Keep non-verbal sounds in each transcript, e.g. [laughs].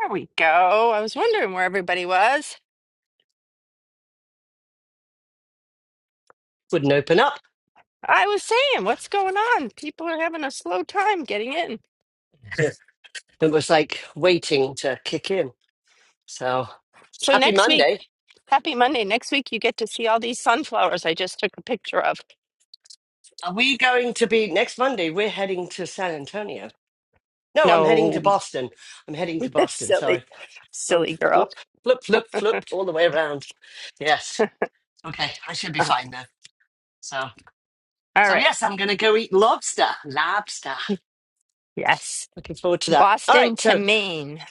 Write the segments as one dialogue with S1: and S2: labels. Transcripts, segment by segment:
S1: There we go. I was wondering where everybody was.
S2: wouldn't open up.
S1: I was saying, what's going on? People are having a slow time getting in.
S2: [laughs] It was like waiting to kick in. So
S1: So
S2: happy
S1: next week,
S2: Monday.
S1: happy Monday. Next week, you get to see all these sunflowers I just took a picture of.
S2: Are we going to be next Monday? We're heading to San Antonio. No, I'm heading to
S1: No,
S2: Boston. I'm heading to
S1: [laughs]
S2: Boston.
S1: silly,
S2: Sorry. Oh,
S1: silly girl.
S2: flip, flip, flip, flip all the way around. Yes. Okay. I should be
S1: Uh,
S2: fine though. So,
S1: all
S2: so
S1: right.
S2: yes, I'm going to go eat lobster. Lobster.
S1: Yes.
S2: Looking forward to that. All
S1: Boston
S2: right. So
S1: to Maine.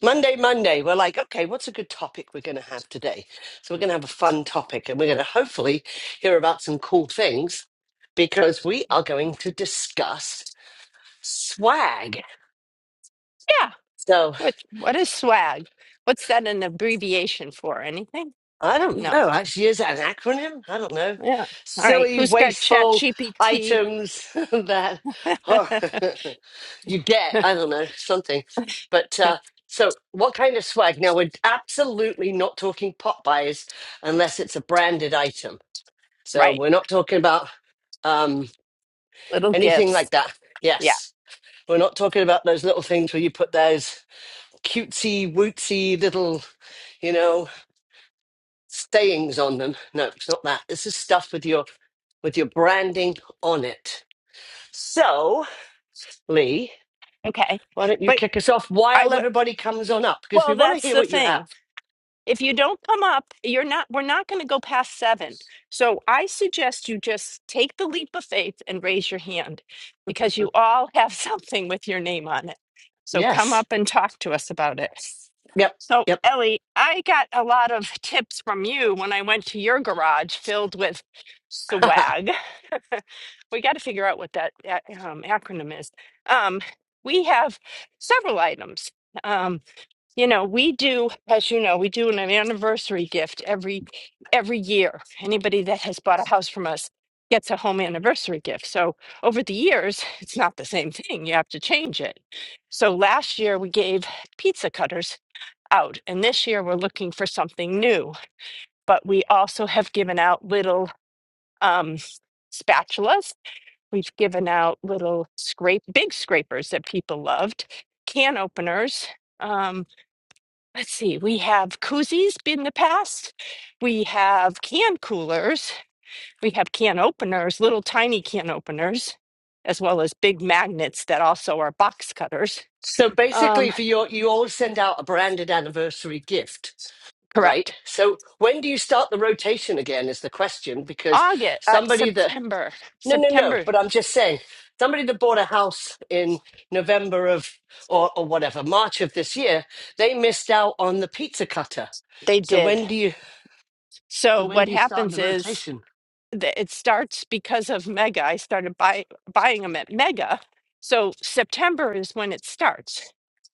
S2: Monday, Monday, we're like, okay, what's a good topic we're going to have today? So we're going to have a fun topic and we're going to hopefully hear about some cool things because we are going to discuss swag.
S1: Yeah.
S2: So
S1: What, what is swag? What's that an abbreviation for? Anything?
S2: I don't
S1: No.
S2: know, actually, is that an acronym? I don't know.
S1: Yeah. All right.
S2: Silly,
S1: Who's got chat
S2: wasteful
S1: GPT?
S2: items [laughs] that
S1: [laughs]
S2: are [laughs] you get, I don't know, something. But uh, so what kind of swag? Now, we're absolutely not talking pot buyers unless it's a branded item So
S1: right.
S2: we're not talking about um,
S1: Little
S2: anything
S1: gifts.
S2: like that.
S1: Yeah.
S2: Yes. We're not talking about those little things where you put those cutesy, wootsy little, you know, stayings on them. No, it's not that. This is stuff with your with your branding on it. So, Lee,
S1: Okay.
S2: why don't you
S1: But
S2: kick us off
S1: I
S2: while
S1: would,
S2: everybody comes on up? Because we
S1: well,
S2: want to
S1: that's
S2: hear
S1: the
S2: what you have.
S1: thing. If you don't come up, you're not, we're not going to go past seven. So I suggest you just take the leap of faith and raise your hand because you all have [laughs] something with your name on it. So come
S2: Yes.
S1: up and talk to us about it.
S2: Yep.
S1: So,
S2: Yep.
S1: Ellie, I got a lot of [laughs] tips from you when I went to your garage filled with
S2: [laughs]
S1: swag. [laughs] we got to figure out what that a- um, acronym is. Um, we have several items. Um, you know, we do, as you know, we do an anniversary gift every every year. Anybody that has bought a house from us gets a home anniversary gift. So over the years, it's not the same thing. You have to change it. So last year we gave pizza cutters out. And this year we're looking for something new, but we also have given out little um, spatulas. We've given out little scrape, big scrapers that people loved, can openers. Um, let's see, we have koozies in the past. We have can coolers. We have can openers, little tiny can openers, as well as big magnets that also are box cutters.
S2: so
S1: Um,
S2: basically for your you always send out a branded anniversary gift right?
S1: correct.
S2: So when do you start the rotation again is the question because
S1: August, uh,
S2: somebody that
S1: September,
S2: no no no,
S1: September,
S2: but I'm just saying somebody that bought a house in November of or or whatever March of this year, they missed out on the pizza cutter.
S1: they
S2: So
S1: did.
S2: when do you so
S1: So
S2: when
S1: what
S2: do you start
S1: happens
S2: the
S1: is
S2: rotation?
S1: that it starts because of Mega. I started buy, buying them at Mega. So September is when it starts.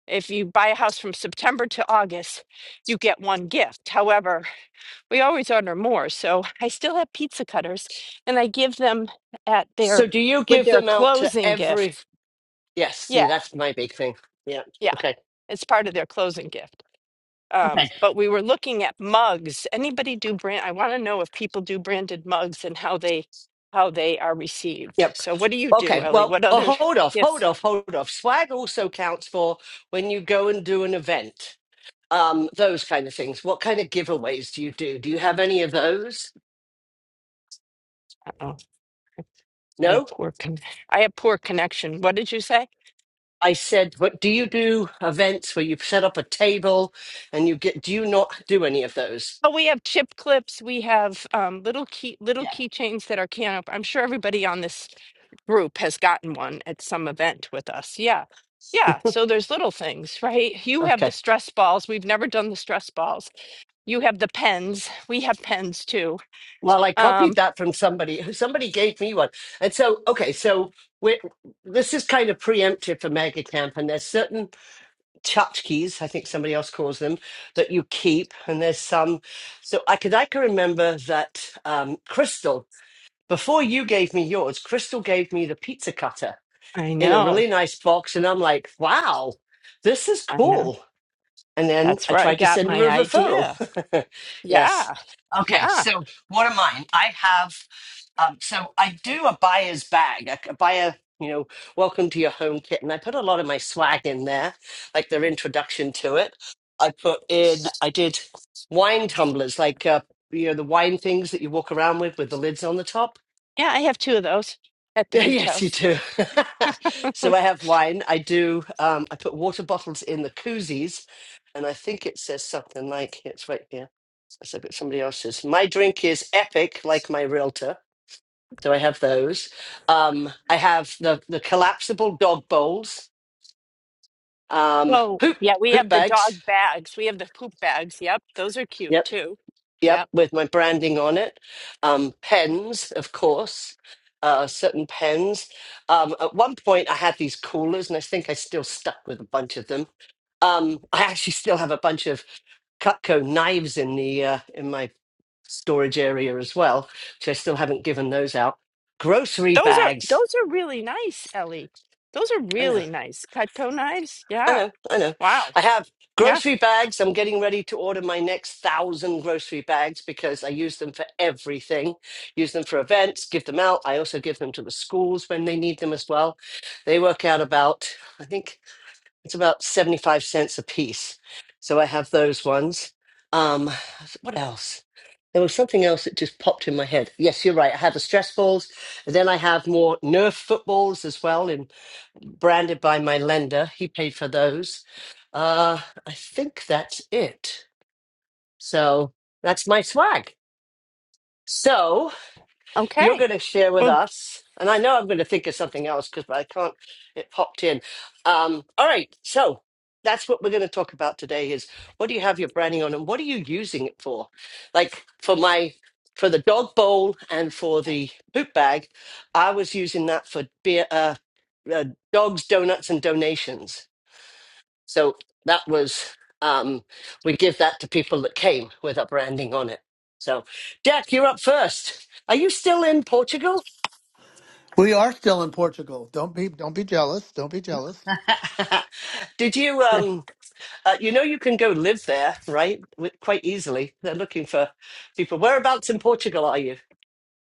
S1: If you buy a house from September to August, you get one gift. However, we always order more. So I still have pizza cutters and I give them at
S2: So
S1: their
S2: do you
S1: with
S2: give
S1: their
S2: them out to
S1: closing
S2: every?
S1: gift.
S2: Yes, see
S1: Yeah,
S2: that's my big thing. Yeah.
S1: yeah.
S2: Okay.
S1: It's part of their closing gift. Um,
S2: Okay.
S1: but we were looking at mugs. Anybody do brand? I want to know if people do branded mugs and how they how they are received.
S2: Yep.
S1: So what do you do,
S2: Okay.
S1: Ellie?
S2: Well,
S1: What
S2: oh,
S1: other
S2: hold
S1: [laughs]
S2: off, hold
S1: gifts?
S2: off, hold off. Swag also counts for when you go and do an event. um, those kind of things. What kind of giveaways do you do? Do you have any of those?
S1: oh I have
S2: No.
S1: poor con- I have poor connection. What did you say?
S2: I said, but do you do events where you set up a table and you get? Do you not do any of those?
S1: Oh, we have chip clips. We have um, little key little
S2: Yeah.
S1: keychains that are can up. I'm sure everybody on this group has gotten one at some event with us. Yeah. Yeah, so there's little things, right? You have the
S2: Okay.
S1: stress balls. We've never done the stress balls You have the pens. We have pens too.
S2: Well, I copied
S1: Um,
S2: that from somebody. [laughs] Somebody gave me one, and so okay. So we're, this is kind of preemptive for mega camp, and there's certain tchotchkes, I think somebody else calls them, that you keep, and there's some. So I could I can remember that um, Crystal Before you gave me yours, Crystal gave me the pizza cutter
S1: I
S2: in a
S1: know.
S2: really nice box. And I'm like, wow, this is
S1: I know.
S2: cool. And then
S1: That's
S2: I
S1: where I
S2: tried to
S1: got
S2: send her
S1: my
S2: a referral.
S1: idea.
S2: [laughs] yes.
S1: Yeah.
S2: Okay.
S1: Yeah.
S2: So what are mine? I have, um, so I do a buyer's bag, a, a buyer, you know, welcome to your home kit. And I put a lot of my swag in there, like their introduction to it. I put in, I did wine tumblers, like, uh, you know, the wine things that you walk around with with the lids on the top.
S1: Yeah, I have two of those
S2: [laughs]
S1: at the beach
S2: Yes, you
S1: house.
S2: do. [laughs] so I have wine. I do. Um, I put water bottles in the koozies, and I think it says something like it's right here. It's like it's somebody else's. My drink is epic, like my realtor. So I have those. Um, I have the the collapsible dog bowls, um,
S1: Oh,
S2: poop
S1: yeah, we
S2: poop
S1: have the
S2: bags.
S1: dog bags. We have the poop bags. Yep, those are cute too.
S2: Yep,
S1: Yep.
S2: with my branding on it. Um, pens, of course, uh, certain pens. Um, at one point, I had these coolers, and I think I still stuck with a bunch of them. Um, I actually still have a bunch of Cutco knives in the uh, in my storage area as well, which I still haven't given those out. Grocery
S1: Those are
S2: bags.
S1: those are really nice, Ellie. Those are
S2: I know
S1: really nice. Cut knives.
S2: I
S1: Yeah.
S2: know, I know.
S1: Wow.
S2: I have
S1: Yeah.
S2: grocery bags. I'm getting ready to order my next thousand grocery bags because I use them for everything. Use them for events, give them out. I also give them to the schools when they need them as well. They work out about, I think. It's about 75 cents a piece. So I have those ones. Um, what else? There was something else that just popped in my head. Yes, you're right. I have the stress balls. And then I have more Nerf footballs as well, and branded by my lender. He paid for those. Uh, I think that's it. So that's my swag. So you're
S1: Okay.
S2: going to share with
S1: Well,
S2: us, and I know I'm going to think of something else because I can't. It popped in. Um, all right, so that's what we're going to talk about today: is what do you have your branding on, and what are you using it for? Like for my for the dog bowl and for the poop bag, I was using that for beer, uh, uh, dogs, donuts, and donations so that was um, we give that to people that came with our branding on it. So Jack, you're up first. Are you still in Portugal?
S3: We are still in Portugal. Don't be don't be jealous. Don't be jealous.
S2: [laughs] Did you um uh, you know you can go live there, right? Wi- Quite easily. They're looking for people. Whereabouts in Portugal are you?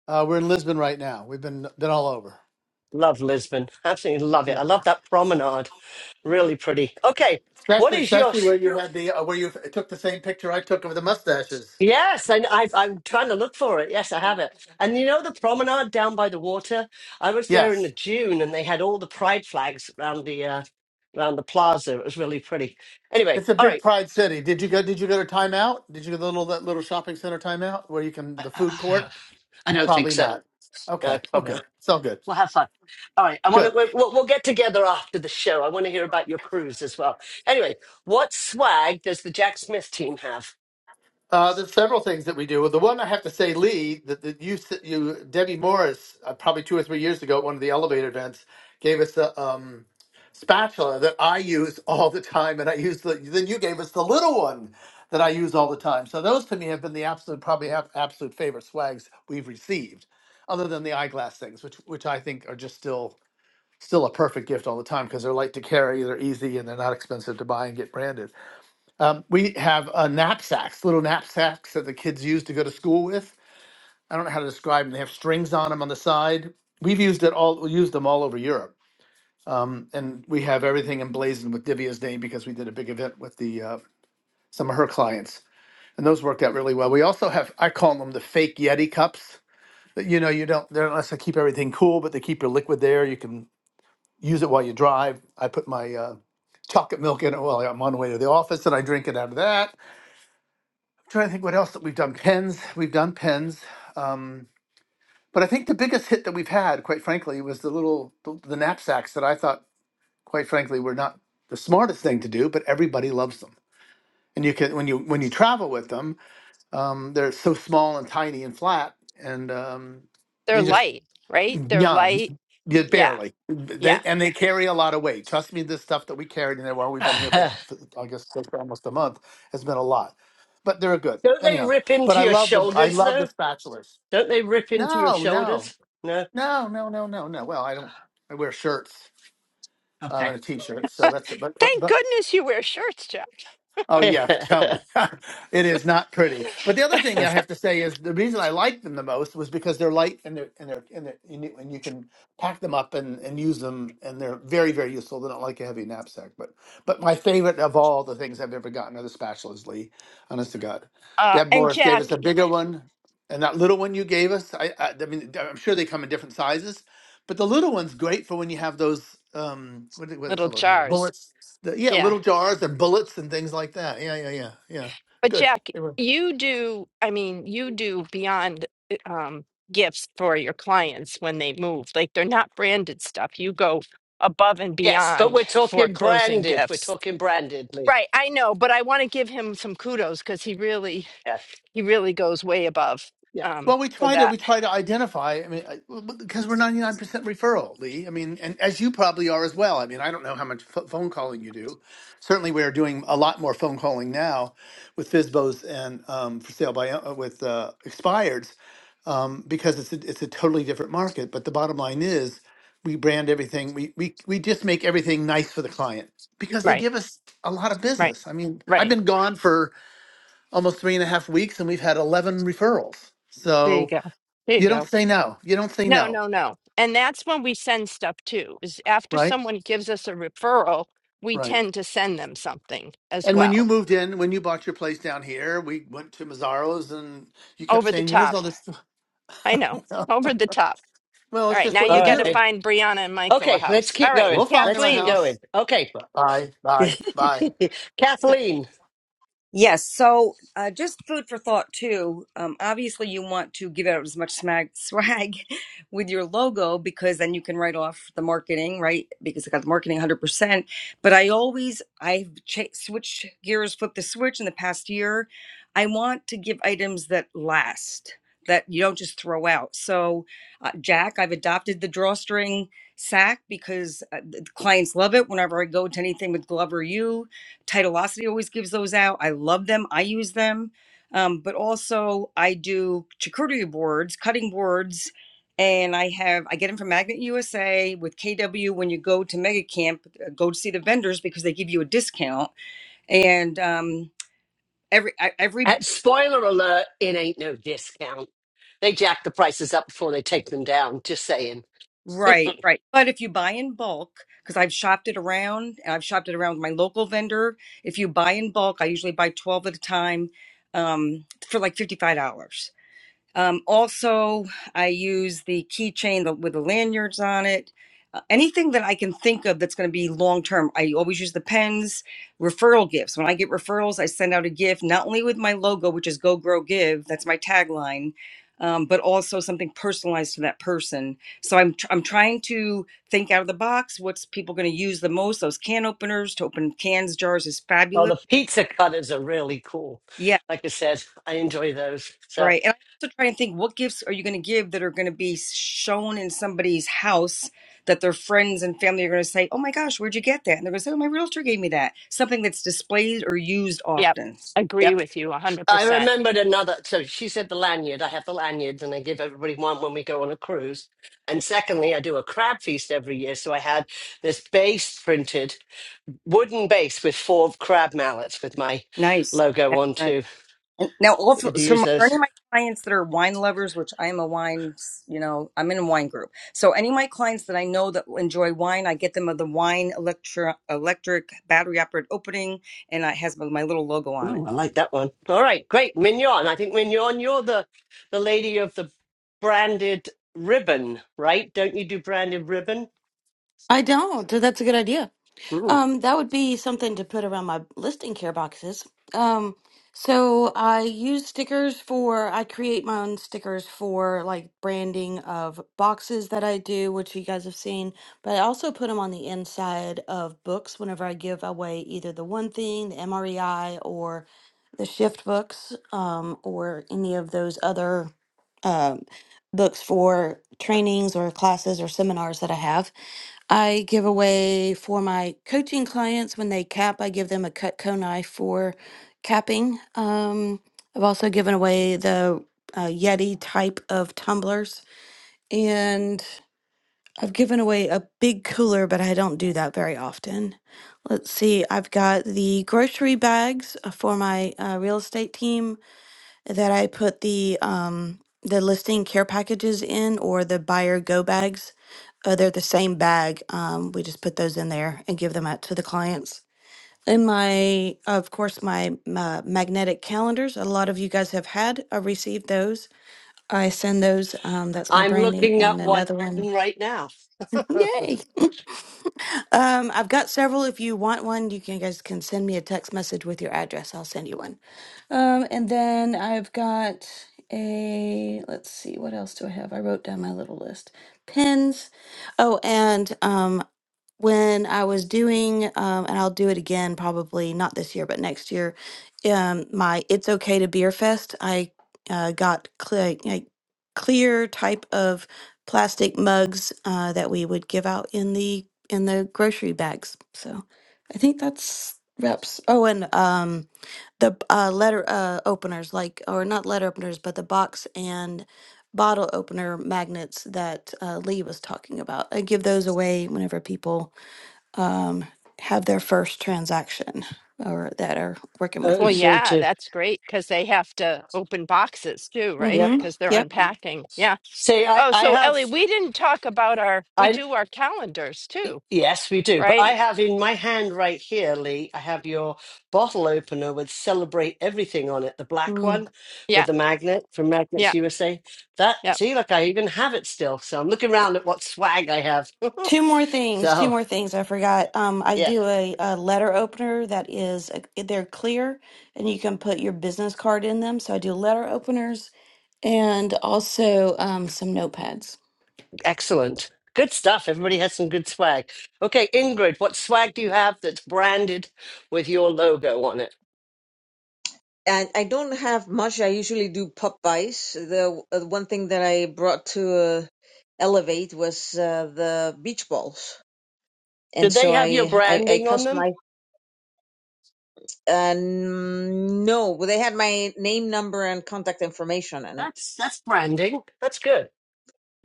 S3: Uh, we're in Lisbon right now. We've been been all over,
S2: Love Lisbon. Absolutely love it. I love that promenade. Really pretty. Okay. What
S3: especially
S2: is your?
S3: especially where you had the uh, where you took the same picture I took of the mustaches.
S2: Yes, and i I'm trying to look for it. Yes, I have it. And you know the promenade down by the water? I was there in the
S3: Yes,
S2: June, and they had all the pride flags around the uh, around the plaza. It was really pretty. Anyway,
S3: it's a
S2: all
S3: big
S2: right.
S3: pride city. Did you go? Did you go to Time Out? Did you go to the little that little shopping center Time Out where you can
S2: I
S3: the food court?
S2: I- I don't think
S3: Probably
S2: so.
S3: not.
S2: No,
S3: Okay, well,
S2: probably not.
S3: good. It's all good.
S2: We'll have fun. All right. I want to.
S3: Good.
S2: We'll, we'll get together after the show. I want to hear about your cruise as well. Anyway, what swag does the Jack Smith team have?
S3: Uh, there's several things that we do. Well, The one I have to say, Lee, that, that you, s- you, Debbie Morris, uh, probably two or three years ago at one of the elevator events, gave us a um, spatula that I use [laughs] all the time, and I use the. Then you gave us the little one that I use all the time. So those to me have been the absolute, probably have absolute favorite swags we've received, other than the eyeglass things, which which I think are just still still a perfect gift all the time because they're light to carry, they're easy, and they're not expensive to buy and get branded. Um, we have uh, knapsacks, little knapsacks that the kids use to go to school with. I don't know how to describe them. They have strings on them on the side. We've used it all. We used them all over Europe, and we have everything emblazoned with Divya's name because we did a big event with the uh, some of her clients, and those worked out really well. We also have I call them the fake Yeti cups. that, You know, you don't they're unless I keep everything cool, but they keep your liquid there. You can use it while you drive. I put my uh, chocolate milk in it while I'm on the way to the office, and I drink it out of that trying to think what else that we've done. Pens, we've done pens. Um, but I think the biggest hit that we've had, quite frankly, was the little the, the knapsacks that I thought, quite frankly, were not the smartest thing to do, but everybody loves them. And you can when you when you travel with them, um, they're so small and tiny and flat, and um,
S1: [laughs] they're
S3: they just
S1: light, right? They're
S3: yeah,
S1: light.
S3: yeah,
S1: Yeah.
S3: barely. They,
S1: Yeah.
S3: and they carry a lot of weight. Trust me, this stuff that we carried, in there while we've been here for, for I guess just almost a month, has been a lot. But they're good,
S2: [laughs] don't they
S3: anyhow.
S2: rip
S3: But
S2: into
S3: I
S2: your
S3: love them. I
S2: shoulders
S3: love the
S2: though?
S3: spatulas.
S2: Don't they rip into your
S3: No, no,
S2: shoulders? No.
S3: no, no, no, no, no. Well, I don't. I wear shirts um,
S2: Okay.
S3: and a t-shirt, so that's it. But but
S1: Thank
S3: but
S1: goodness you wear shirts, Jack.
S2: [laughs]
S3: Oh
S2: yes,
S3: yeah, tell me. [laughs] it is not pretty. But the other thing I have to say is the reason I liked them the most was because they're light and they're and they're and, they're, and, you, and you can pack them up and, and use them and they're very very useful. They don't like a heavy knapsack, but but my favorite of all the things I've ever gotten are the spatulas, Lee. Honest to God,
S1: Uh,
S3: Deb
S1: and
S3: Morris gave us
S1: Jack,
S3: a bigger one, and that little one you gave us. I I, I mean I'm sure they come in different sizes, but the little one's great for when you have those um what do, what do they
S1: little
S3: call those
S1: jars.
S3: bullets? The, yeah,
S1: Yeah.
S3: little jars and bullets and things like that. Yeah, yeah, yeah, yeah.
S1: But
S3: Good.
S1: Jack, you do, I mean, you do beyond eh, um, gifts for your clients when they move. Like they're not branded stuff. You go above and
S2: but
S1: beyond
S2: we're
S1: for
S2: talking
S1: closing
S2: branded. We're
S1: gifts.
S2: talking brandedly.
S1: Right. I know, but I want to give him some kudos because he really,
S2: Yeah.
S1: he really goes way above
S2: Yeah.
S1: um,
S3: Well, we
S1: for
S3: try to
S1: that.
S3: we try to identify. I mean, because we're ninety nine percent referral, Lee. I mean, and as you probably are as well. I mean, I don't know how much ph phone calling you do. Certainly, we are doing a lot more phone calling now with FISBOs and um, for sale by uh, uh, with uh, expireds um, because it's a, it's a totally different market. But the bottom line is, we brand everything. We we we just make everything nice for the client because they
S1: Right.
S3: give us a lot of
S1: Right.
S3: business. I mean, I've
S1: Right.
S3: been gone for almost three and a half weeks, and we've had eleven referrals.
S1: There you
S3: So
S1: go. There you
S3: you don't
S1: go.
S3: say no. You don't say
S1: No,
S3: no,
S1: no, no. And that's when we send stuff too, is after
S3: right?
S1: someone gives us a referral, we
S3: Right.
S1: tend to send them something as
S3: And when you
S1: well.
S3: moved in, when you bought your place down here, we went to Mazzaro's and you kept
S1: Over the
S3: saying, Where's all
S1: top.
S3: this?
S1: I know.
S3: [laughs]
S1: Over the top.
S3: well,
S1: All
S3: it's
S1: right.
S3: just
S1: Now
S3: what
S1: you
S3: you
S2: All
S1: got to
S2: right.
S3: do.
S1: find Brianna and Michael a
S2: Okay, let's
S1: house. All
S2: keep
S1: right.
S2: going.
S3: We'll find him
S2: Let's
S3: a
S2: keep
S1: Kathleen.
S3: house.
S2: going. Okay.
S3: Bye,
S2: [laughs]
S3: bye, bye.
S2: Kathleen,
S4: Yes. So, uh, just food for thought too. Um, obviously, you want to give out as much smag, swag [laughs] with your logo because then you can write off the marketing, right? Because I got the marketing 100%. But I always, I've cha- switched gears, flipped the switch in the past year. I want to give items that last, that you don't just throw out. So, uh, Jack, I've adopted the drawstring sack because uh, the clients love it whenever I go to anything with Glover U Titleosity always gives those out. I love them. I use them. Um, but also I do charcuterie boards, cutting boards, and I have I get them from Magnet USA with KW. When you go to Mega Camp, uh, go to see the vendors because they give you a discount. And um, every I- every
S2: at spoiler alert, it ain't no discount. They jack the prices up before they take them down. Just saying.
S4: right right. But if you buy in bulk, because I've shopped it around, and I've shopped it around with my local vendor. If you buy in bulk, I usually buy twelve at a time um, for like fifty five dollars Um, also, I use the keychain with the lanyards on it. Uh, anything that I can think of that's going to be long term, I always use the pens. Referral gifts. When I get referrals, I send out a gift, not only with my logo, which is Go Grow Give, that's my tagline, um, but also something personalized to that person. So I'm, tr- I'm trying to think out of the box. What's people going to use the most? Those can openers to open cans, jars is
S2: Well,
S4: fabulous.
S2: the pizza cutters are really cool.
S4: Yeah,
S2: Like I said, I enjoy those. So,
S4: Right. And I also try and think what gifts are you going to give that are going to be shown in somebody's house that their friends and family are going to say, oh my gosh, where'd you get that? And they're going to say, oh, my realtor gave me that. Something that's displayed or used
S1: Yep.
S4: often.
S2: yep.
S1: Agree with you 100%.
S2: I remembered another. So she said the lanyard. I have the lanyards and I give everybody one when we go on a cruise. And secondly, I do a crab feast every year. So I had this base printed, wooden base with four crab mallets with my
S4: Nice.
S2: logo
S4: That's
S2: on
S4: nice.
S2: too.
S4: And now,
S2: You
S4: also,
S2: could
S4: so
S2: use
S4: my- for any
S2: those.
S4: of my clients that are wine lovers, which I am a wine, you know, I'm in a wine group. So any of my clients that I know that enjoy wine, I get them of the wine electro, electric battery operated opening and it has my my little logo on it.
S2: Ooh, I like that one. All right, great. Mignon. I think Mignon, you're the, the lady of the branded ribbon, right? Don't you do branded ribbon?
S5: I don't. th- That's a good idea.
S2: Ooh.
S5: Um, that would be something to put around my listing care boxes. Um, so I use stickers for, I create my own stickers for like branding of boxes that I do, which you guys have seen, but I also put them on the inside of books whenever I give away either the one thing, the MREI, or the shift books, um, or any of those other um, books for trainings or classes or seminars that I have. I give away for my coaching clients when they cap, I give them a Cutco knife for capping. Um, I've also given away the uh, Yeti type of tumblers, and I've given away a big cooler, but I don't do that very often. Let's see, I've got the grocery bags uh, for my uh, real estate team that I put the um the listing care packages in or the buyer go bags. Uh, they're the same bag. Um, we just put those in there and give them out to the clients. In my, of course, my, uh magnetic calendars. A lot of you guys have had uh, received those. I send those. Um, that's my
S2: I'm
S5: branding
S2: looking at
S5: and
S2: one
S5: another one.
S2: right now. [laughs]
S5: [laughs]
S2: uh,
S5: Yay! [laughs] um, I've got several. If you want one, you can, you guys can send me a text message with your address. I'll send you one. Um, and then I've got a, let's see, what else do I have? I wrote down my little list. pens. Oh, and um, when I was doing, um, and I'll do it again probably not this year, but next year, um, my It's Okay to Beer Fest, I uh, got clear, like, clear type of plastic mugs uh, that we would give out in the in the grocery bags. So I think that's reps. Oh, and um, the uh, letter uh, openers, like or not letter openers, but the box and bottle opener magnets that uh, Lee was talking about. I give those away whenever people um, have their first transaction or that are working with
S1: Well,
S5: me.
S2: to,
S1: yeah,
S2: to,
S1: that's great because they have to open boxes too,
S2: yep.
S1: right?
S5: Mm-hmm.
S1: Because they're
S5: Yep.
S1: unpacking. Yeah.
S2: See, I,
S1: Oh,
S2: I
S1: so
S2: have,
S1: Ellie, we didn't talk about our, we
S2: I
S1: do our calendars too,
S2: yes, we do. But I
S1: right?
S2: have in my hand right here, Lee. I have your bottle opener with "Celebrate Everything" on it, the black
S5: Mm.
S2: one
S1: Yeah.
S2: with the magnet from Magnets
S1: Yeah.
S2: USA. That
S1: Yeah.
S2: see, look, I even have it still. So I'm looking around at what swag I have. [laughs]
S5: Two more things. Two
S2: so
S5: more things. I forgot. Um, I
S2: yeah,
S5: do a, a letter opener that is uh, they're clear, and you can put your business card in them. So I do letter openers and also um, some notepads.
S2: excellent, good stuff. Everybody has some good swag. Okay, Ingrid, what swag do you have that's branded with your logo on it?
S6: and I don't have much. I usually do pop buys. The uh, one thing that I brought to uh, Elevate was uh, the beach balls. And
S2: Did they
S6: so
S2: have your
S6: I, I, I
S2: branding on them?
S6: customized, uh, no, well, they had my name, number, and contact information on it.
S2: That's that's branding. That's good.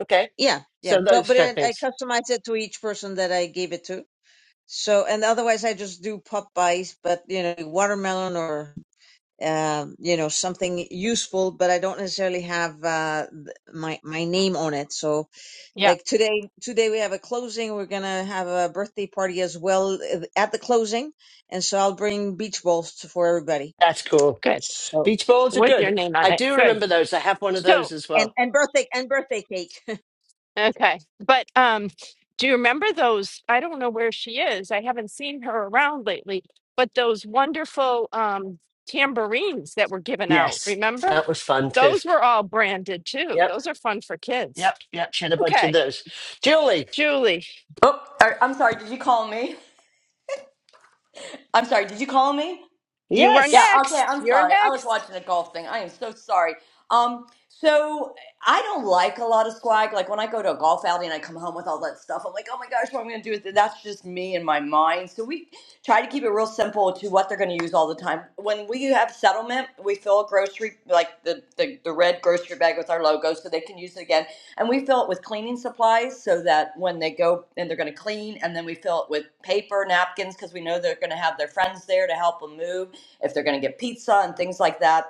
S2: Okay.
S6: Yeah, yeah.
S2: So
S6: So,
S2: those
S6: but
S2: kind of
S6: it, I
S2: things.
S6: customized it to each person that I gave it to. So, and otherwise I just do pop buys, but you know, watermelon or um, you know something useful but i don't necessarily have uh, my my name on it so
S1: Yeah.
S6: like today today we have a closing we're gonna have a birthday party as well uh, at the closing and so i'll bring beach balls for everybody
S2: That's cool.
S1: Good.
S6: so
S2: Beach balls are
S1: with your
S2: good.
S1: name on
S2: I
S1: it.
S2: do
S1: Good.
S2: remember those. I have one of those
S1: So,
S2: as
S6: and
S2: well.
S6: and birthday and birthday cake
S1: okay. But um do you remember those I don't know where she is. I haven't seen her around lately, but those wonderful um tambourines that were given out,
S2: Yes.
S1: remember?
S2: That was fun too.
S1: Those were all branded too.
S2: Yep.
S1: Those are fun for kids.
S2: Yep. Yep. She had a bunch of
S1: Okay.
S2: those. Julie.
S1: Julie,
S7: Oh, er, I'm sorry. Did you call me? I'm sorry. Did you call me?
S1: you are
S7: Yeah,
S2: Yes.
S7: okay,
S1: next.
S7: I'm
S1: You're
S7: sorry. I was
S1: next.
S7: watching a golf thing. I am so sorry. Um, so I don't like a lot of swag. Like when I go to a golf outing and I come home with all that stuff, I'm like, oh my gosh, what am I gonna do with it? That's just me and my mind. So we try to keep it real simple to what they're gonna use all the time. When we have settlement, we fill a grocery like the, the, the red grocery bag with our logo so they can use it again. And we fill it with cleaning supplies so that when they go and they're gonna clean and then we fill it with paper, napkins, because we know they're gonna have their friends there to help them move if they're going to get pizza and things like that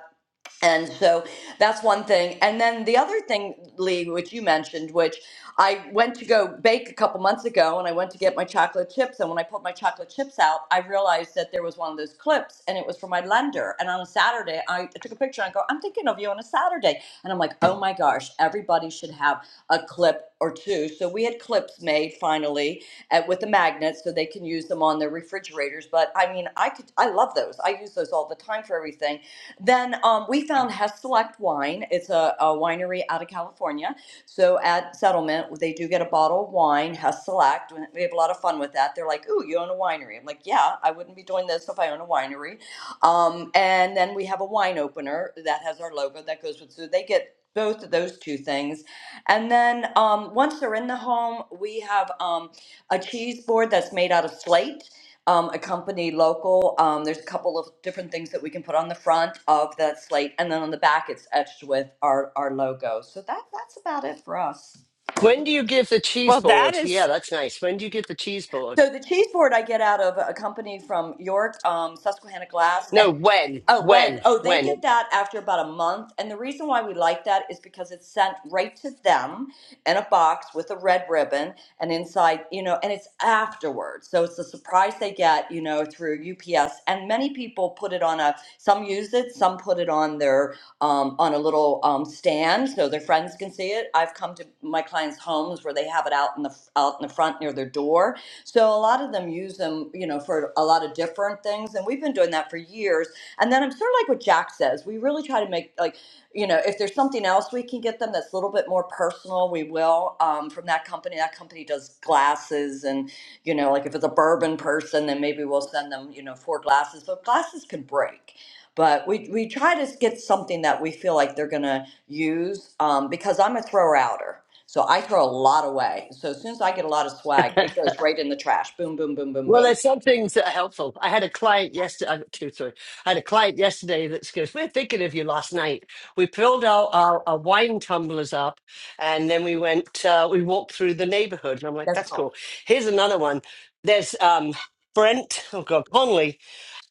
S7: and so that's one thing. And then the other thing, Lee, which you mentioned, which I went to go bake a couple months ago and I went to get my chocolate chips. And when I pulled my chocolate chips out, I realized that there was one of those clips and it was for my lender. And on a Saturday, I I took a picture and I go, I'm thinking of you on a Saturday. And I'm like, oh my gosh, everybody should have a clip or two. So we had clips made finally at, with the magnets so they can use them on their refrigerators. But I mean, I could, I love those. I use those all the time for everything then um, we found Hess Select Wine. It's a, a winery out of California. So at settlement, they do get a bottle of wine, Hess Select. We have a lot of fun with that. They're like, "Ooh, you own a winery." I'm like, "Yeah, I wouldn't be doing this if I own a winery." Um, and then we have a wine opener that has our logo that goes with. So they get both of those two things. And then um, once they're in the home, we have um, a cheese board that's made out of slate um, accompany local. Um, there's a couple of different things that we can put on the front of that slate, and then on the back it's etched with our our logo. So that that's about it for us.
S2: When do you give the cheese
S1: Well, that
S2: board? Yeah,
S1: is
S2: that's nice. When do you give the cheese board?
S7: So the cheese board I get out of a company from York, um, Susquehanna Glass, and
S2: No, when?
S7: Oh, when?
S2: When?
S7: Oh, they
S2: When?
S7: get that after about a month. And the reason why we like that is because it's sent right to them in a box with a red ribbon and inside, you know, and it's afterwards. So it's a surprise they get, you know, through UPS. And many people put it on a, some use it, some put it on their, um, on a little um, stand so their friends can see it. I've come to my clients' homes where they have it out in the, out in the front near their door. So a lot of them use them, you know, for a lot of different things. And we've been doing that for years and then I'm sort of like what Jack says. We really try to make like, you know, if there's something else we can get them that's a little bit more personal, we will. Um, from that company, that company does glasses, and you know, like if it's a bourbon person, then maybe we'll send them, you know, four glasses. But glasses can break. But we we try to get something that we feel like they're gonna use um, because I'm a thrower outer. So I throw a lot away. So as soon as I get a lot of swag, it goes right in the trash. Boom, boom, boom, boom,
S2: Well,
S7: boom.
S2: there's some things that are helpful. I had a client yesterday, two, three. I had a client yesterday that goes, We're thinking of you last night. We pulled out our, our wine tumblers up and then we went, uh, we walked through the neighborhood. And I'm like,
S7: That's
S2: That's
S7: cool.
S2: cool. Here's another one. There's um, Brent, oh God, Conley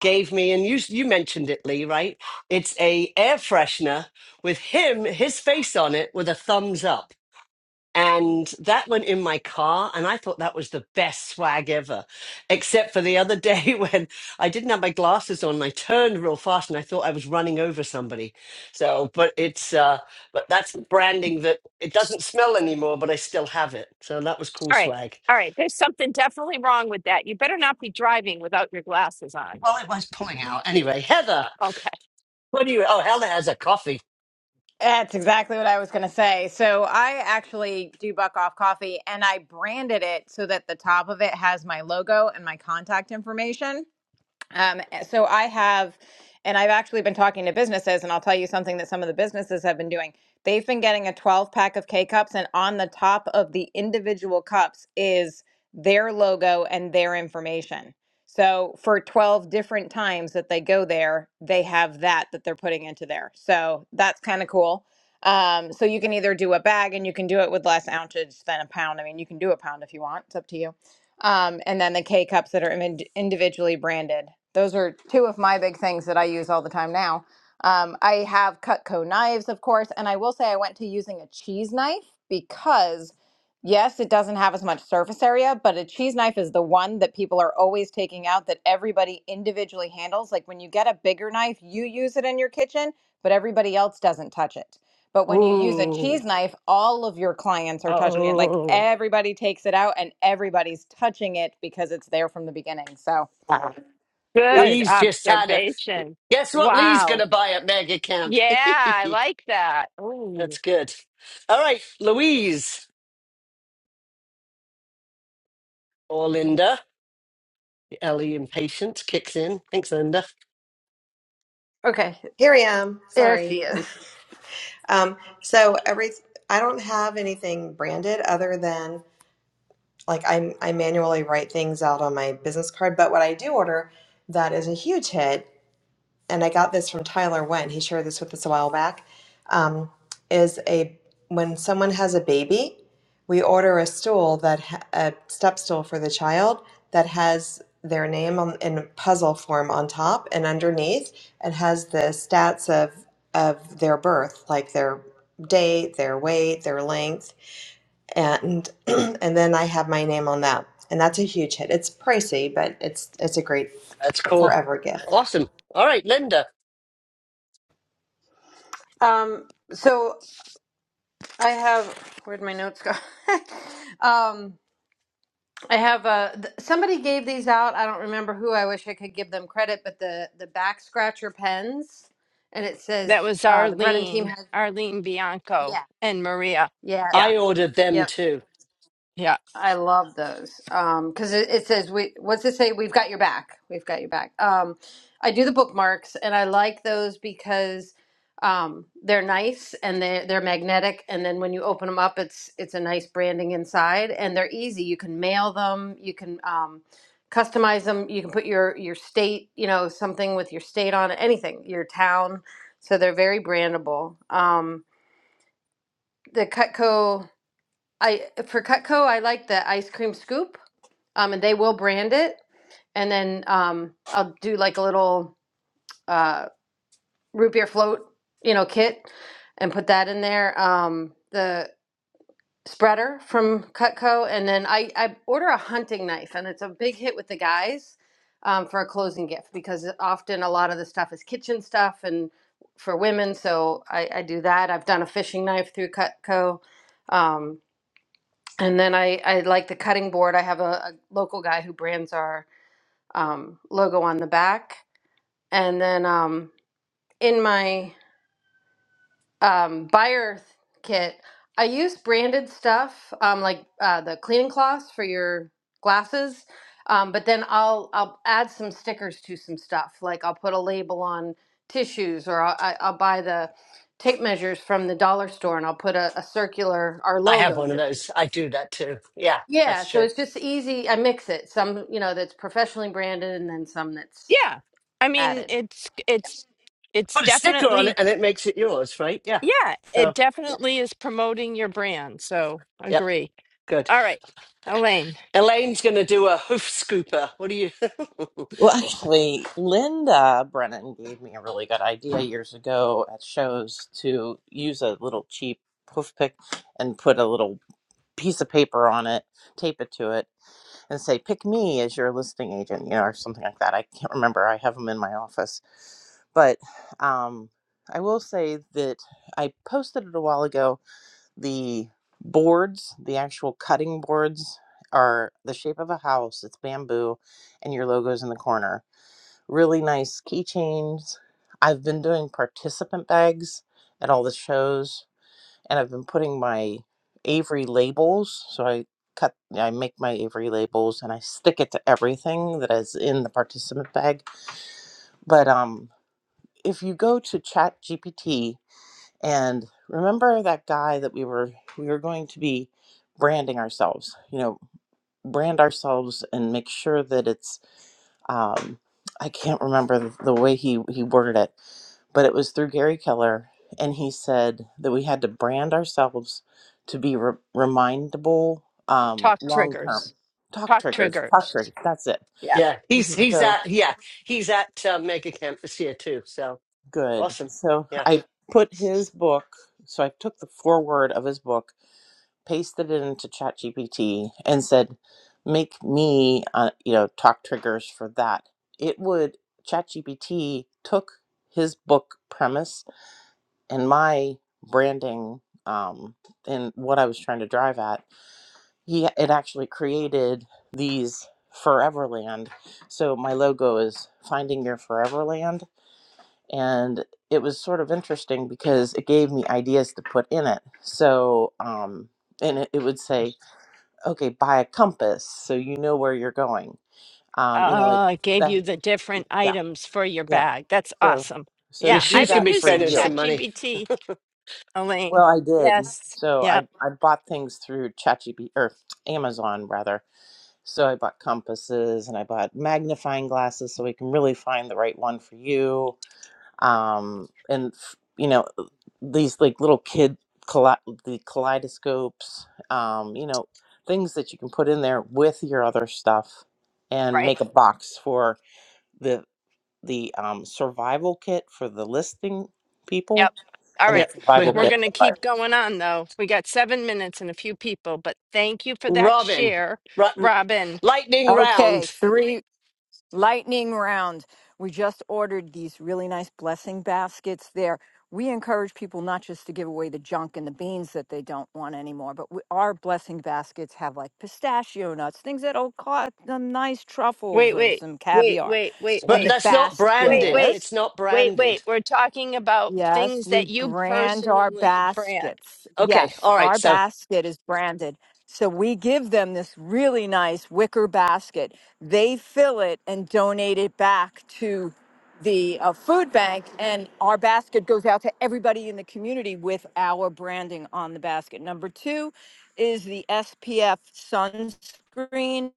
S2: gave me, and you, you mentioned it, Lee, right? It's a air freshener with him, his face on it with a thumbs up and that went in my car and i thought that was the best swag ever except for the other day [laughs] when i didn't have my glasses on and i turned real fast and i thought i was running over somebody so but it's uh but that's branding that it doesn't smell anymore but i still have it so that was cool
S1: all right.
S2: swag
S1: All right. There's something definitely wrong with that. You better not be driving without your glasses on.
S2: well it was pulling out anyway heather
S1: Uh, okay.
S2: what do you oh heather has a coffee
S8: That's exactly what I was going to say. So I actually do buck off coffee and I branded it so that the top of it has my logo and my contact information. Um, eh, so I have, and I've actually been talking to businesses, and I'll tell you something that some of the businesses have been doing. They've been getting a 12 pack of K cups, and on the top of the individual cups is their logo and their information. So for 12 different times that they go there, they have that that they're putting into there. So that's kind of cool. Um, so you can either do a bag and you can do it with less ounces than a pound. I mean, you can do a pound if you want, it's up to you um, and then the K cups that are imi- individually branded. Those are two of my big things that I use all the time now. Um, I have Cutco knives, of course, and I will say I went to using a cheese knife because, yes, it doesn't have as much surface area, but a cheese knife is the one that people are always taking out that everybody individually handles. Like when you get a bigger knife, you use it in your kitchen, but everybody else doesn't touch it. But when you use a Mm. cheese
S1: Ooh.
S8: knife, all of your clients are touching it. Like Mhm.
S1: Oh.
S8: everybody takes it out and everybody's touching it because it's there from the beginning. So,
S1: Wow.
S8: yep.
S1: Good
S2: lee's just had a
S1: observation.
S2: guess what lee's
S1: Wow.
S2: gonna buy at mega camp
S1: Yeah, I
S2: [laughs]
S1: like that.
S2: that's
S1: Ooh.
S2: good all right louise Or Linda, the Ellie impatience kicks in. Thanks, Linda.
S9: Okay,
S10: Here I am.
S9: there
S10: Sorry.
S9: she is.
S10: Um, so every I don't have anything branded other than like I I manually write things out on my business card. But what I do order that is a huge hit and I got this from Tyler Wen. He shared this with us a while back. Um, is a when someone has a baby, we order a stool that ha- a step stool for the child that has their name on, in puzzle form on top and underneath, and has the stats of of their birth, like their date, their weight, their length, and [clears throat] and then I have my name on that, and that's a huge hit. It's pricey, but it's it's a great
S2: That's cool.
S10: forever gift.
S2: Awesome. All right, Linda.
S9: Um, so I have where'd my notes go? [laughs] um, I have uh, th- somebody gave these out. I don't remember who. I wish I could give them credit, but the the back scratcher pens, and it
S1: That
S9: says
S1: was
S9: uh, the Brennan team
S1: Arlene,
S9: has
S1: Arlene Bianco
S9: yeah
S1: and Maria.
S9: yeah
S1: Yeah,
S2: I ordered
S9: yep
S2: them too.
S1: yeah,
S9: I love those because it, it says we. What's it say? We've got your back. We've got your back. Um, I do the bookmarks, and I like those because um, they're nice and they they're magnetic. And then when you open them up, it's it's a nice branding inside, and they're easy. You can mail them. You can um, customize them. You can put your your state, you know, something with your state on it. Anything, your town. So they're very brandable. Um, the Cutco. I for Cutco, I like the ice cream scoop um, and they will brand it. And then um, I'll do like a little uh, root beer float, you know, kit, and put that in there. Um, the spreader from Cutco, and then I I order a hunting knife, and it's a big hit with the guys um, for a closing gift because often a lot of the stuff is kitchen stuff and for women. So I, I do that. I've done a fishing knife through Cutco. Um, and then I, I like the cutting board. I have a, a local guy who brands our um, logo on the back. And then um, in my um, buyer kit, I use branded stuff um, like uh, the cleaning cloths for your glasses. Um, but then I'll I'll add some stickers to some stuff. Like I'll put a label on tissues, or I'll, I- I'll buy the tape measures from the dollar store, and I'll put a, a circular our
S2: I have
S9: logo.
S2: one of those. I do that too. Yeah,
S9: Yeah,
S2: that's
S9: so
S2: true.
S9: it's just easy. I mix it. Some you know that's professionally branded, and then some that's
S1: yeah. I mean,
S9: added.
S1: it's it's it's
S2: Put a sticker on it
S1: definitely
S2: and it makes it yours, right? Yeah.
S1: yeah, it
S2: So,
S1: definitely is promoting your brand. So
S2: yeah,
S1: agree.
S2: good.
S1: All right, Elaine,
S2: Elaine's going to do a hoof scooper. What do you?
S11: Well, actually, Linda Brennan gave me a really good idea years ago at shows to use a little cheap poof pick and put a little piece of paper on it, tape it to it, and say, pick me as your listing agent, you know, or something like that. I can't remember. I have them in my office. But um, I will say that I posted it a while ago. The boards, the actual cutting boards, are the shape of a house, it's bamboo, and your logo's in the corner really nice keychains. I've been doing participant bags at all the shows, and I've been putting my Avery labels. So I cut, I make my Avery labels, and I stick it to everything that is in the participant bag. But um, if you go to Chat GPT and remember that guy that we were we were going to be branding ourselves, you know, brand ourselves and make sure that it's um, I can't remember the, the way he, he worded it, but it was through Gary Keller. And he said that we had to brand ourselves to be re- remindable um,
S1: talk
S11: long term.
S1: triggers,
S11: Talk
S1: talk
S11: triggers, talk triggers,
S1: triggers.
S11: that's it.
S2: [laughs]
S1: Yeah.
S2: yeah,
S1: Mm-hmm.
S2: he's he's
S11: So
S2: at yeah he's at uh, Mega Camp this year too. So
S11: good.
S2: awesome.
S11: So
S2: Yeah,
S11: I put his book, so I took the foreword of his book pasted it into ChatGPT and said, "Make me, uh, you know, talk triggers for that." It would ChatGPT took his book premise and my branding um, and what I was trying to drive at. He it actually created these Foreverland. So my logo is finding your Foreverland, and it was sort of interesting because it gave me ideas to put in it. So um, and it, it would say okay, buy a compass so you know where you're going. Um, you know, like
S1: Uh, it gave
S11: that.
S1: you the different
S11: Yeah,
S1: items for your
S11: yeah.
S1: bag. That's
S11: So,
S1: awesome.
S11: so
S2: yeah,
S1: Yeah,
S11: do
S1: I've
S2: she's going
S1: been
S2: to
S11: that
S2: be
S11: for
S1: using
S2: spending
S11: you.
S2: some money.
S1: ChatGPT, Elaine.
S11: Well, I did.
S1: Yes.
S11: So
S1: Yep.
S11: I I bought things through ChatGPT or Amazon rather. So I bought compasses and I bought magnifying glasses so we can really find the right one for you um, and f- you know uh, these like little kid kale- the kaleidoscopes um, you know things that you can put in there with your other stuff and
S1: Right.
S11: make a box for the the um, survival kit for the listing people
S1: Yep. All
S11: and
S2: Yeah,
S11: the
S1: right.
S2: we
S11: survival
S2: have
S1: We're
S2: that.
S11: kit
S1: going
S11: for
S1: to
S11: the
S1: keep going on, though. We got seven minutes and a few people, but thank you for that
S2: Robin,
S1: share,
S2: Ru-
S1: Robin.
S2: lightning round.
S12: Okay, three lightning round. We just ordered these really nice blessing baskets there. We encourage people not just to give away the junk and the beans that they don't want anymore, but we, our blessing baskets have like pistachio nuts, things that'll cost them nice truffles
S1: Wait,
S12: or
S1: wait,
S12: some
S1: wait,
S12: caviar.
S1: wait, wait,
S2: But
S12: And the
S1: wait,
S2: that's not
S1: wait,
S2: branded.
S1: wait,
S12: baskets.
S2: It's not
S1: wait, wait.
S2: branded.
S1: We're talking about
S12: Yes,
S1: things
S12: we
S1: that you
S12: brand our
S1: personally brand.
S12: baskets.
S2: Okay.
S12: Yes,
S2: All right.
S12: our
S2: So,
S12: basket is branded. So we give them this really nice wicker basket. They fill it and donate it back to the uh, food bank, and our basket goes out to everybody in the community with our branding on the basket. Number two is the SPF sunscreen,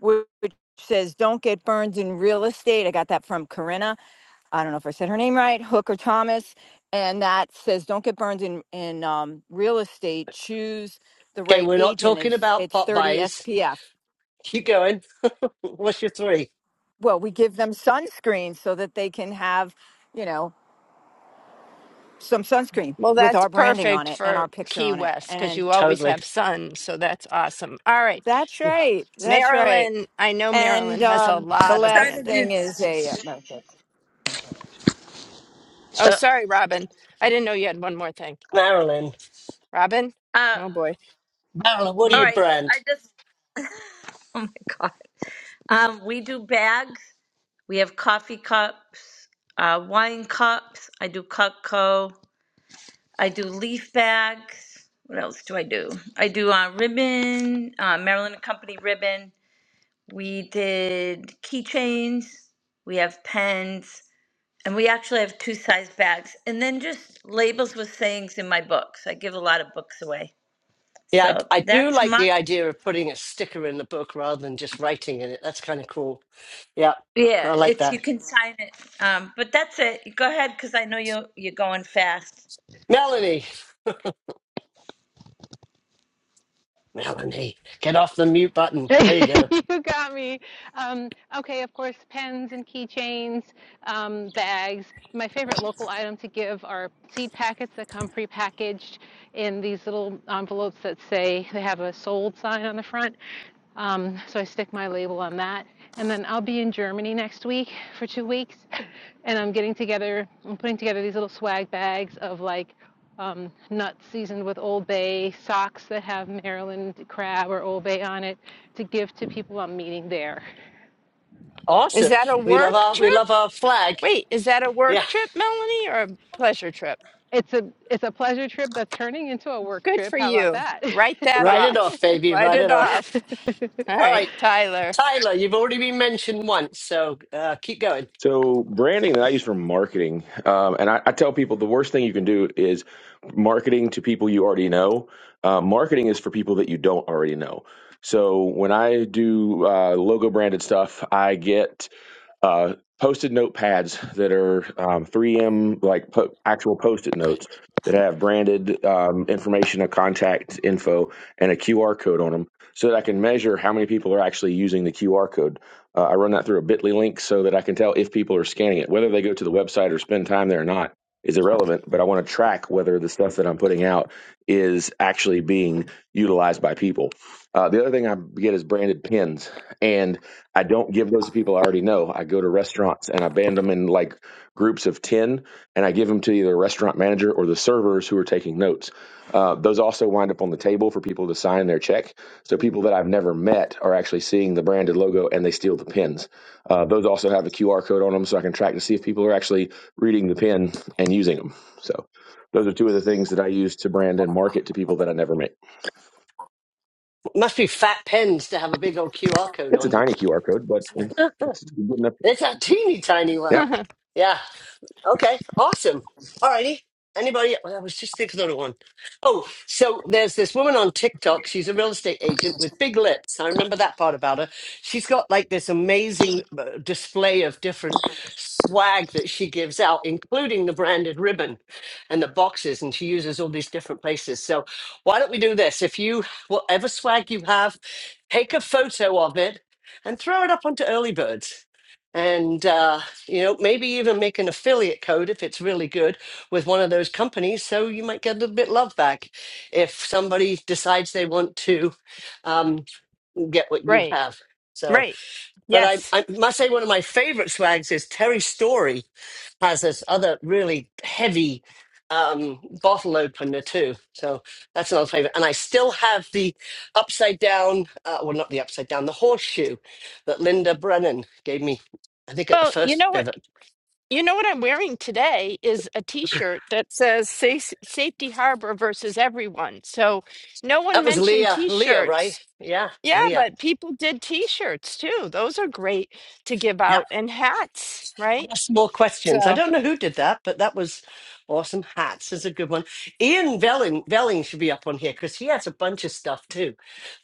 S12: whi- which says "Don't get burned in real estate." I got that from Corinna I don't know if I said her name right, Hooker Thomas, and that says don't get burned in in um, real estate. Choose the
S2: okay,
S12: right
S2: we're not
S12: agent.
S2: talking
S12: It's
S2: about
S12: it's
S2: pop
S12: 30
S2: buys.
S12: SPF.
S2: Keep going. What's your three?
S12: Well, we give them sunscreen so that they can have, you know, some sunscreen
S1: Well,
S12: with
S1: that's
S12: our branding on
S1: perfect
S12: it and our
S1: for
S12: picture
S1: Key
S12: on it.
S1: West because
S12: And
S1: you always
S2: Totally.
S1: have sun. So that's awesome. All right.
S12: that's right. That's right.
S1: Marilyn, I know
S12: And
S1: Marilyn has a
S12: um, the
S1: lot of
S13: trying to
S12: last
S1: Brandon.
S13: do.
S12: thing is a uh,
S1: Oh,
S13: Uh,
S1: sorry, Robin. I didn't know you had one more thing.
S2: Marilyn.
S1: Robin?
S13: uh,
S1: Oh, boy.
S2: Marilyn, what do
S13: all
S1: Hmm.
S2: you
S13: right. I
S2: brand?
S13: just. [laughs] Oh my god. Um, we do bags. We have coffee cups, uh, wine cups. I do Cutco. I do leaf bags. What else do I do? I do uh, ribbon, uh, Maryland and Company ribbon. We did keychains. We have pens. And we actually have two size bags. And then just labels with sayings in my books. I give a lot of books away.
S2: Yeah, I,
S13: So
S2: I do
S13: that's
S2: like
S13: mine.
S2: the idea of putting a sticker in the book rather than just writing in it. That's kind of cool. Yeah, I
S13: Yeah,
S2: like
S13: it's you
S2: that.
S13: can sign it. Um, but that's it. Go ahead, because I know you you're going fast.
S2: Melanie, Melanie, get off the mute button.
S14: [laughs]
S2: There you go.
S14: you got me. Um, okay, of course, pens and keychains, um, bags. My favorite local item to give are seed packets that come prepackaged in these little envelopes that say they have a sold sign on the front. Um, so I stick my label on that. And then I'll be in Germany next week for two weeks. [laughs] And I'm getting together, I'm putting together these little swag bags of like um, nuts seasoned with Old Bay, socks that have Maryland crab or Old Bay on it to give to people I'm meeting there.
S1: Is
S2: Awesome.
S1: that a
S2: We love
S1: work
S2: our we
S1: trip?
S2: love our flag.
S1: Wait, is that a work
S2: Yeah,
S1: trip, Melanie, or a pleasure trip?
S14: It's a it's a pleasure trip that's turning into a work
S1: Good
S14: trip.
S1: for
S14: How about
S1: you.
S14: that?
S1: Write that
S2: write it off,
S1: off.
S2: baby.
S1: Write
S2: Write it
S1: it
S2: off.
S1: off. All
S2: All
S1: right,
S2: right.
S14: [laughs]
S1: Tyler.
S2: Tyler, you've already been mentioned once, so uh, keep going.
S15: So branding that I use for marketing, um, and I, I tell people the worst thing you can do is marketing to people you already know. Uh, marketing is for people that you don't already know. So when I do uh, logo branded stuff, I get uh, post-it note pads that are um, 3M like po- actual post-it notes that have branded um, information, a contact info, and a QR code on them, so that I can measure how many people are actually using the QR code. Uh, I run that through a Bitly link so that I can tell if people are scanning it, whether they go to the website or spend time there or not. Is irrelevant, but I want to track whether the stuff that I'm putting out is actually being utilized by people. Uh, the other thing I get is branded pins, and I don't give those to people I already know. I go to restaurants and I band them in like groups of 10 and I give them to either a restaurant manager or the servers who are taking notes. Uh, those also wind up on the table for people to sign their check. So people that I've never met are actually seeing the branded logo and they steal the pins. Uh, those also have a QR code on them so I can track to see if people are actually reading the pin and using them. So those are two of the things that I use to brand and market to people that I never meet.
S2: Must be fat pens to have a big old QR code
S15: It's a
S2: on them.
S15: tiny QR code, but
S2: [laughs]
S15: it's good enough.
S2: it's a teeny tiny
S1: [laughs]
S15: Yeah,
S2: one. Yeah. Okay, awesome. All righty. Anybody? well, I was just thinking of one. Oh, so there's this woman on TikTok. She's a real estate agent with big lips. I remember that part about her. She's got like this amazing uh, display of different swag that she gives out, including the branded ribbon and the boxes. And she uses all these different places. So why don't we do this? If you, whatever swag you have, take a photo of it and throw it up onto Early Birds. And uh, you know maybe even make an affiliate code if it's really good with one of those companies so you might get a little bit love back if somebody decides they want to um, get what you
S1: right,
S2: have so
S1: right.
S2: but I,
S1: Yes.
S2: I must say one of my favorite swags is terry story has this other really heavy um, bottle opener too so that's another favorite and i still have the upside down uh, well not the upside down the horseshoe that linda brennan gave me i think at the
S1: Well, you
S2: first
S1: know what?
S2: pivot
S1: You know what I'm wearing today is a t-shirt that says Sa- Safety Harbor versus everyone. So no one
S2: That was
S1: mentioned
S2: Leah. Leah, right?
S1: t-shirts.
S2: Yeah,
S1: Yeah,
S2: Leah.
S1: but people did t-shirts too. Those are great to give
S2: Yep.
S1: out and hats, right?
S2: Ask more questions. I
S1: So
S2: don't know who did that, but that was awesome. Hats is a good one. Ian Velling, Velling should be up on here because he has a bunch of stuff too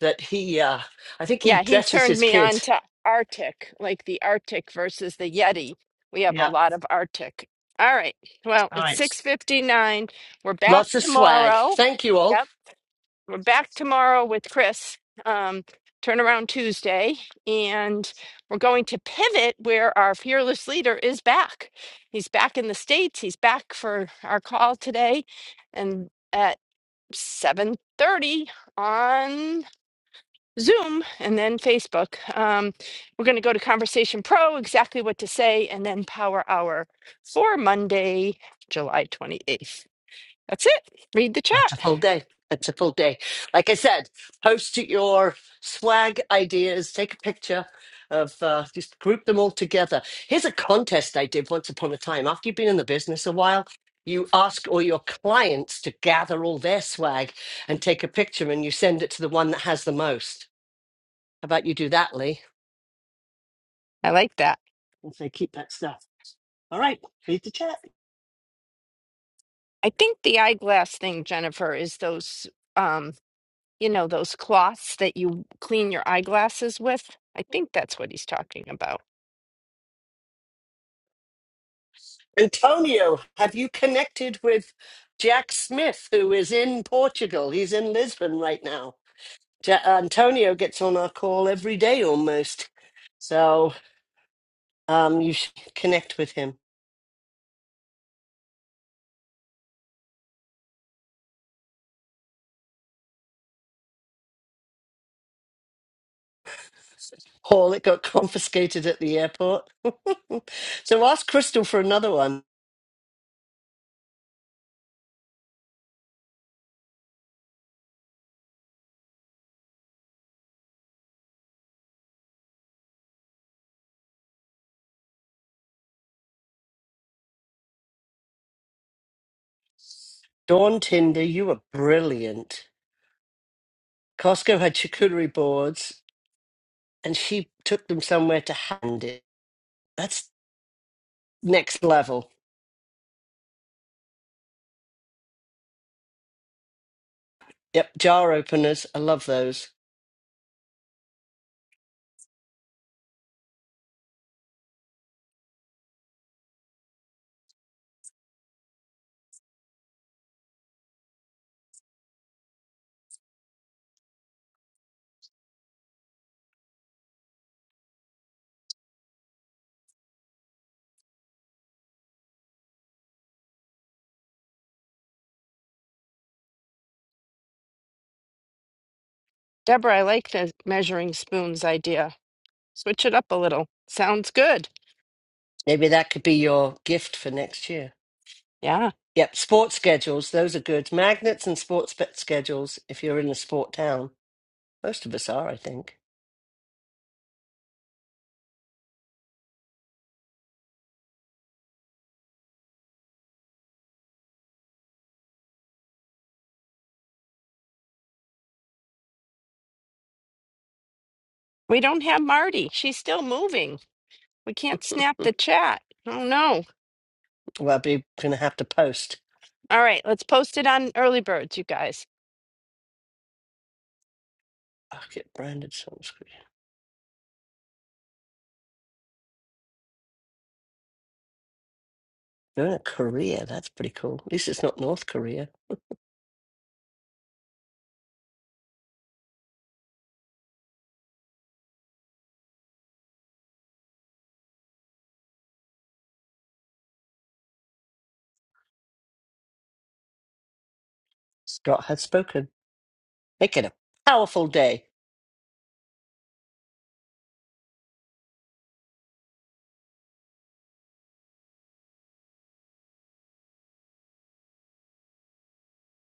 S2: that he, uh, I think he
S1: yeah, he
S2: dresses
S1: turned
S2: his
S1: me on
S2: kids.
S1: to Arctic, like the Arctic versus the Yeti. We have a
S2: Yeah.
S1: lot of Arctic. All right. Well,
S2: All
S1: it's
S2: right.
S1: 6:59. We're back
S2: Lots of swag.
S1: tomorrow.
S2: Thank you all.
S1: Yep. we're back tomorrow with Chris, um, turnaround Tuesday, and we're going to pivot where our fearless leader is back. He's back in the States. He's back for our call today and at 7.30 on Zoom and then Facebook. Um, we're going to go to Conversation Pro, exactly what to say, and then Power Hour for Monday, July 28th. That's it. Read the chat.
S2: That's a full day. That's a full day. Like I said, post your swag ideas, take a picture of, uh, just group them all together. Here's a contest I did once upon a time. After you've been in the business a while, you ask all your clients to gather all their swag and take a picture and you send it to the one that has the most. How about you do that, Lee?
S1: I like that.
S2: And say, keep that stuff. All right, read the chat.
S1: I think the eyeglass thing, Jennifer, is those um, you know, those cloths that you clean your eyeglasses with. I think that's what he's talking about.
S2: Antonio, have you connected with Jack Smith, who is in Portugal? He's in Lisbon right now. Ja- Antonio gets on our call every day almost. So um, you should connect with him. Hall, it got [laughs] confiscated at the airport. [laughs] so ask Crystal for another one. Dawn Tinder, you were brilliant. Costco had charcuterie boards, and she took them somewhere to hand it. That's next level. Yep, jar openers. I love those.
S1: Deborah, I like the measuring spoons idea. Switch it up a little. Sounds good.
S2: Maybe that could be your gift for next year.
S1: Yeah.
S2: Yep, sports schedules. Those are good. Magnets and sports bet schedules if you're in a sport town. Most of us are, I think.
S1: We don't have Marty. She's still moving. We can't snap the chat. Oh no.
S2: Well, I'll be going to have to post.
S1: All right, let's post it on early birds, you guys.
S2: Oh, i will get branded sunscreen. You're in a Korea. That's pretty cool. At least it's not North Korea. Scott has spoken. Make it a powerful day.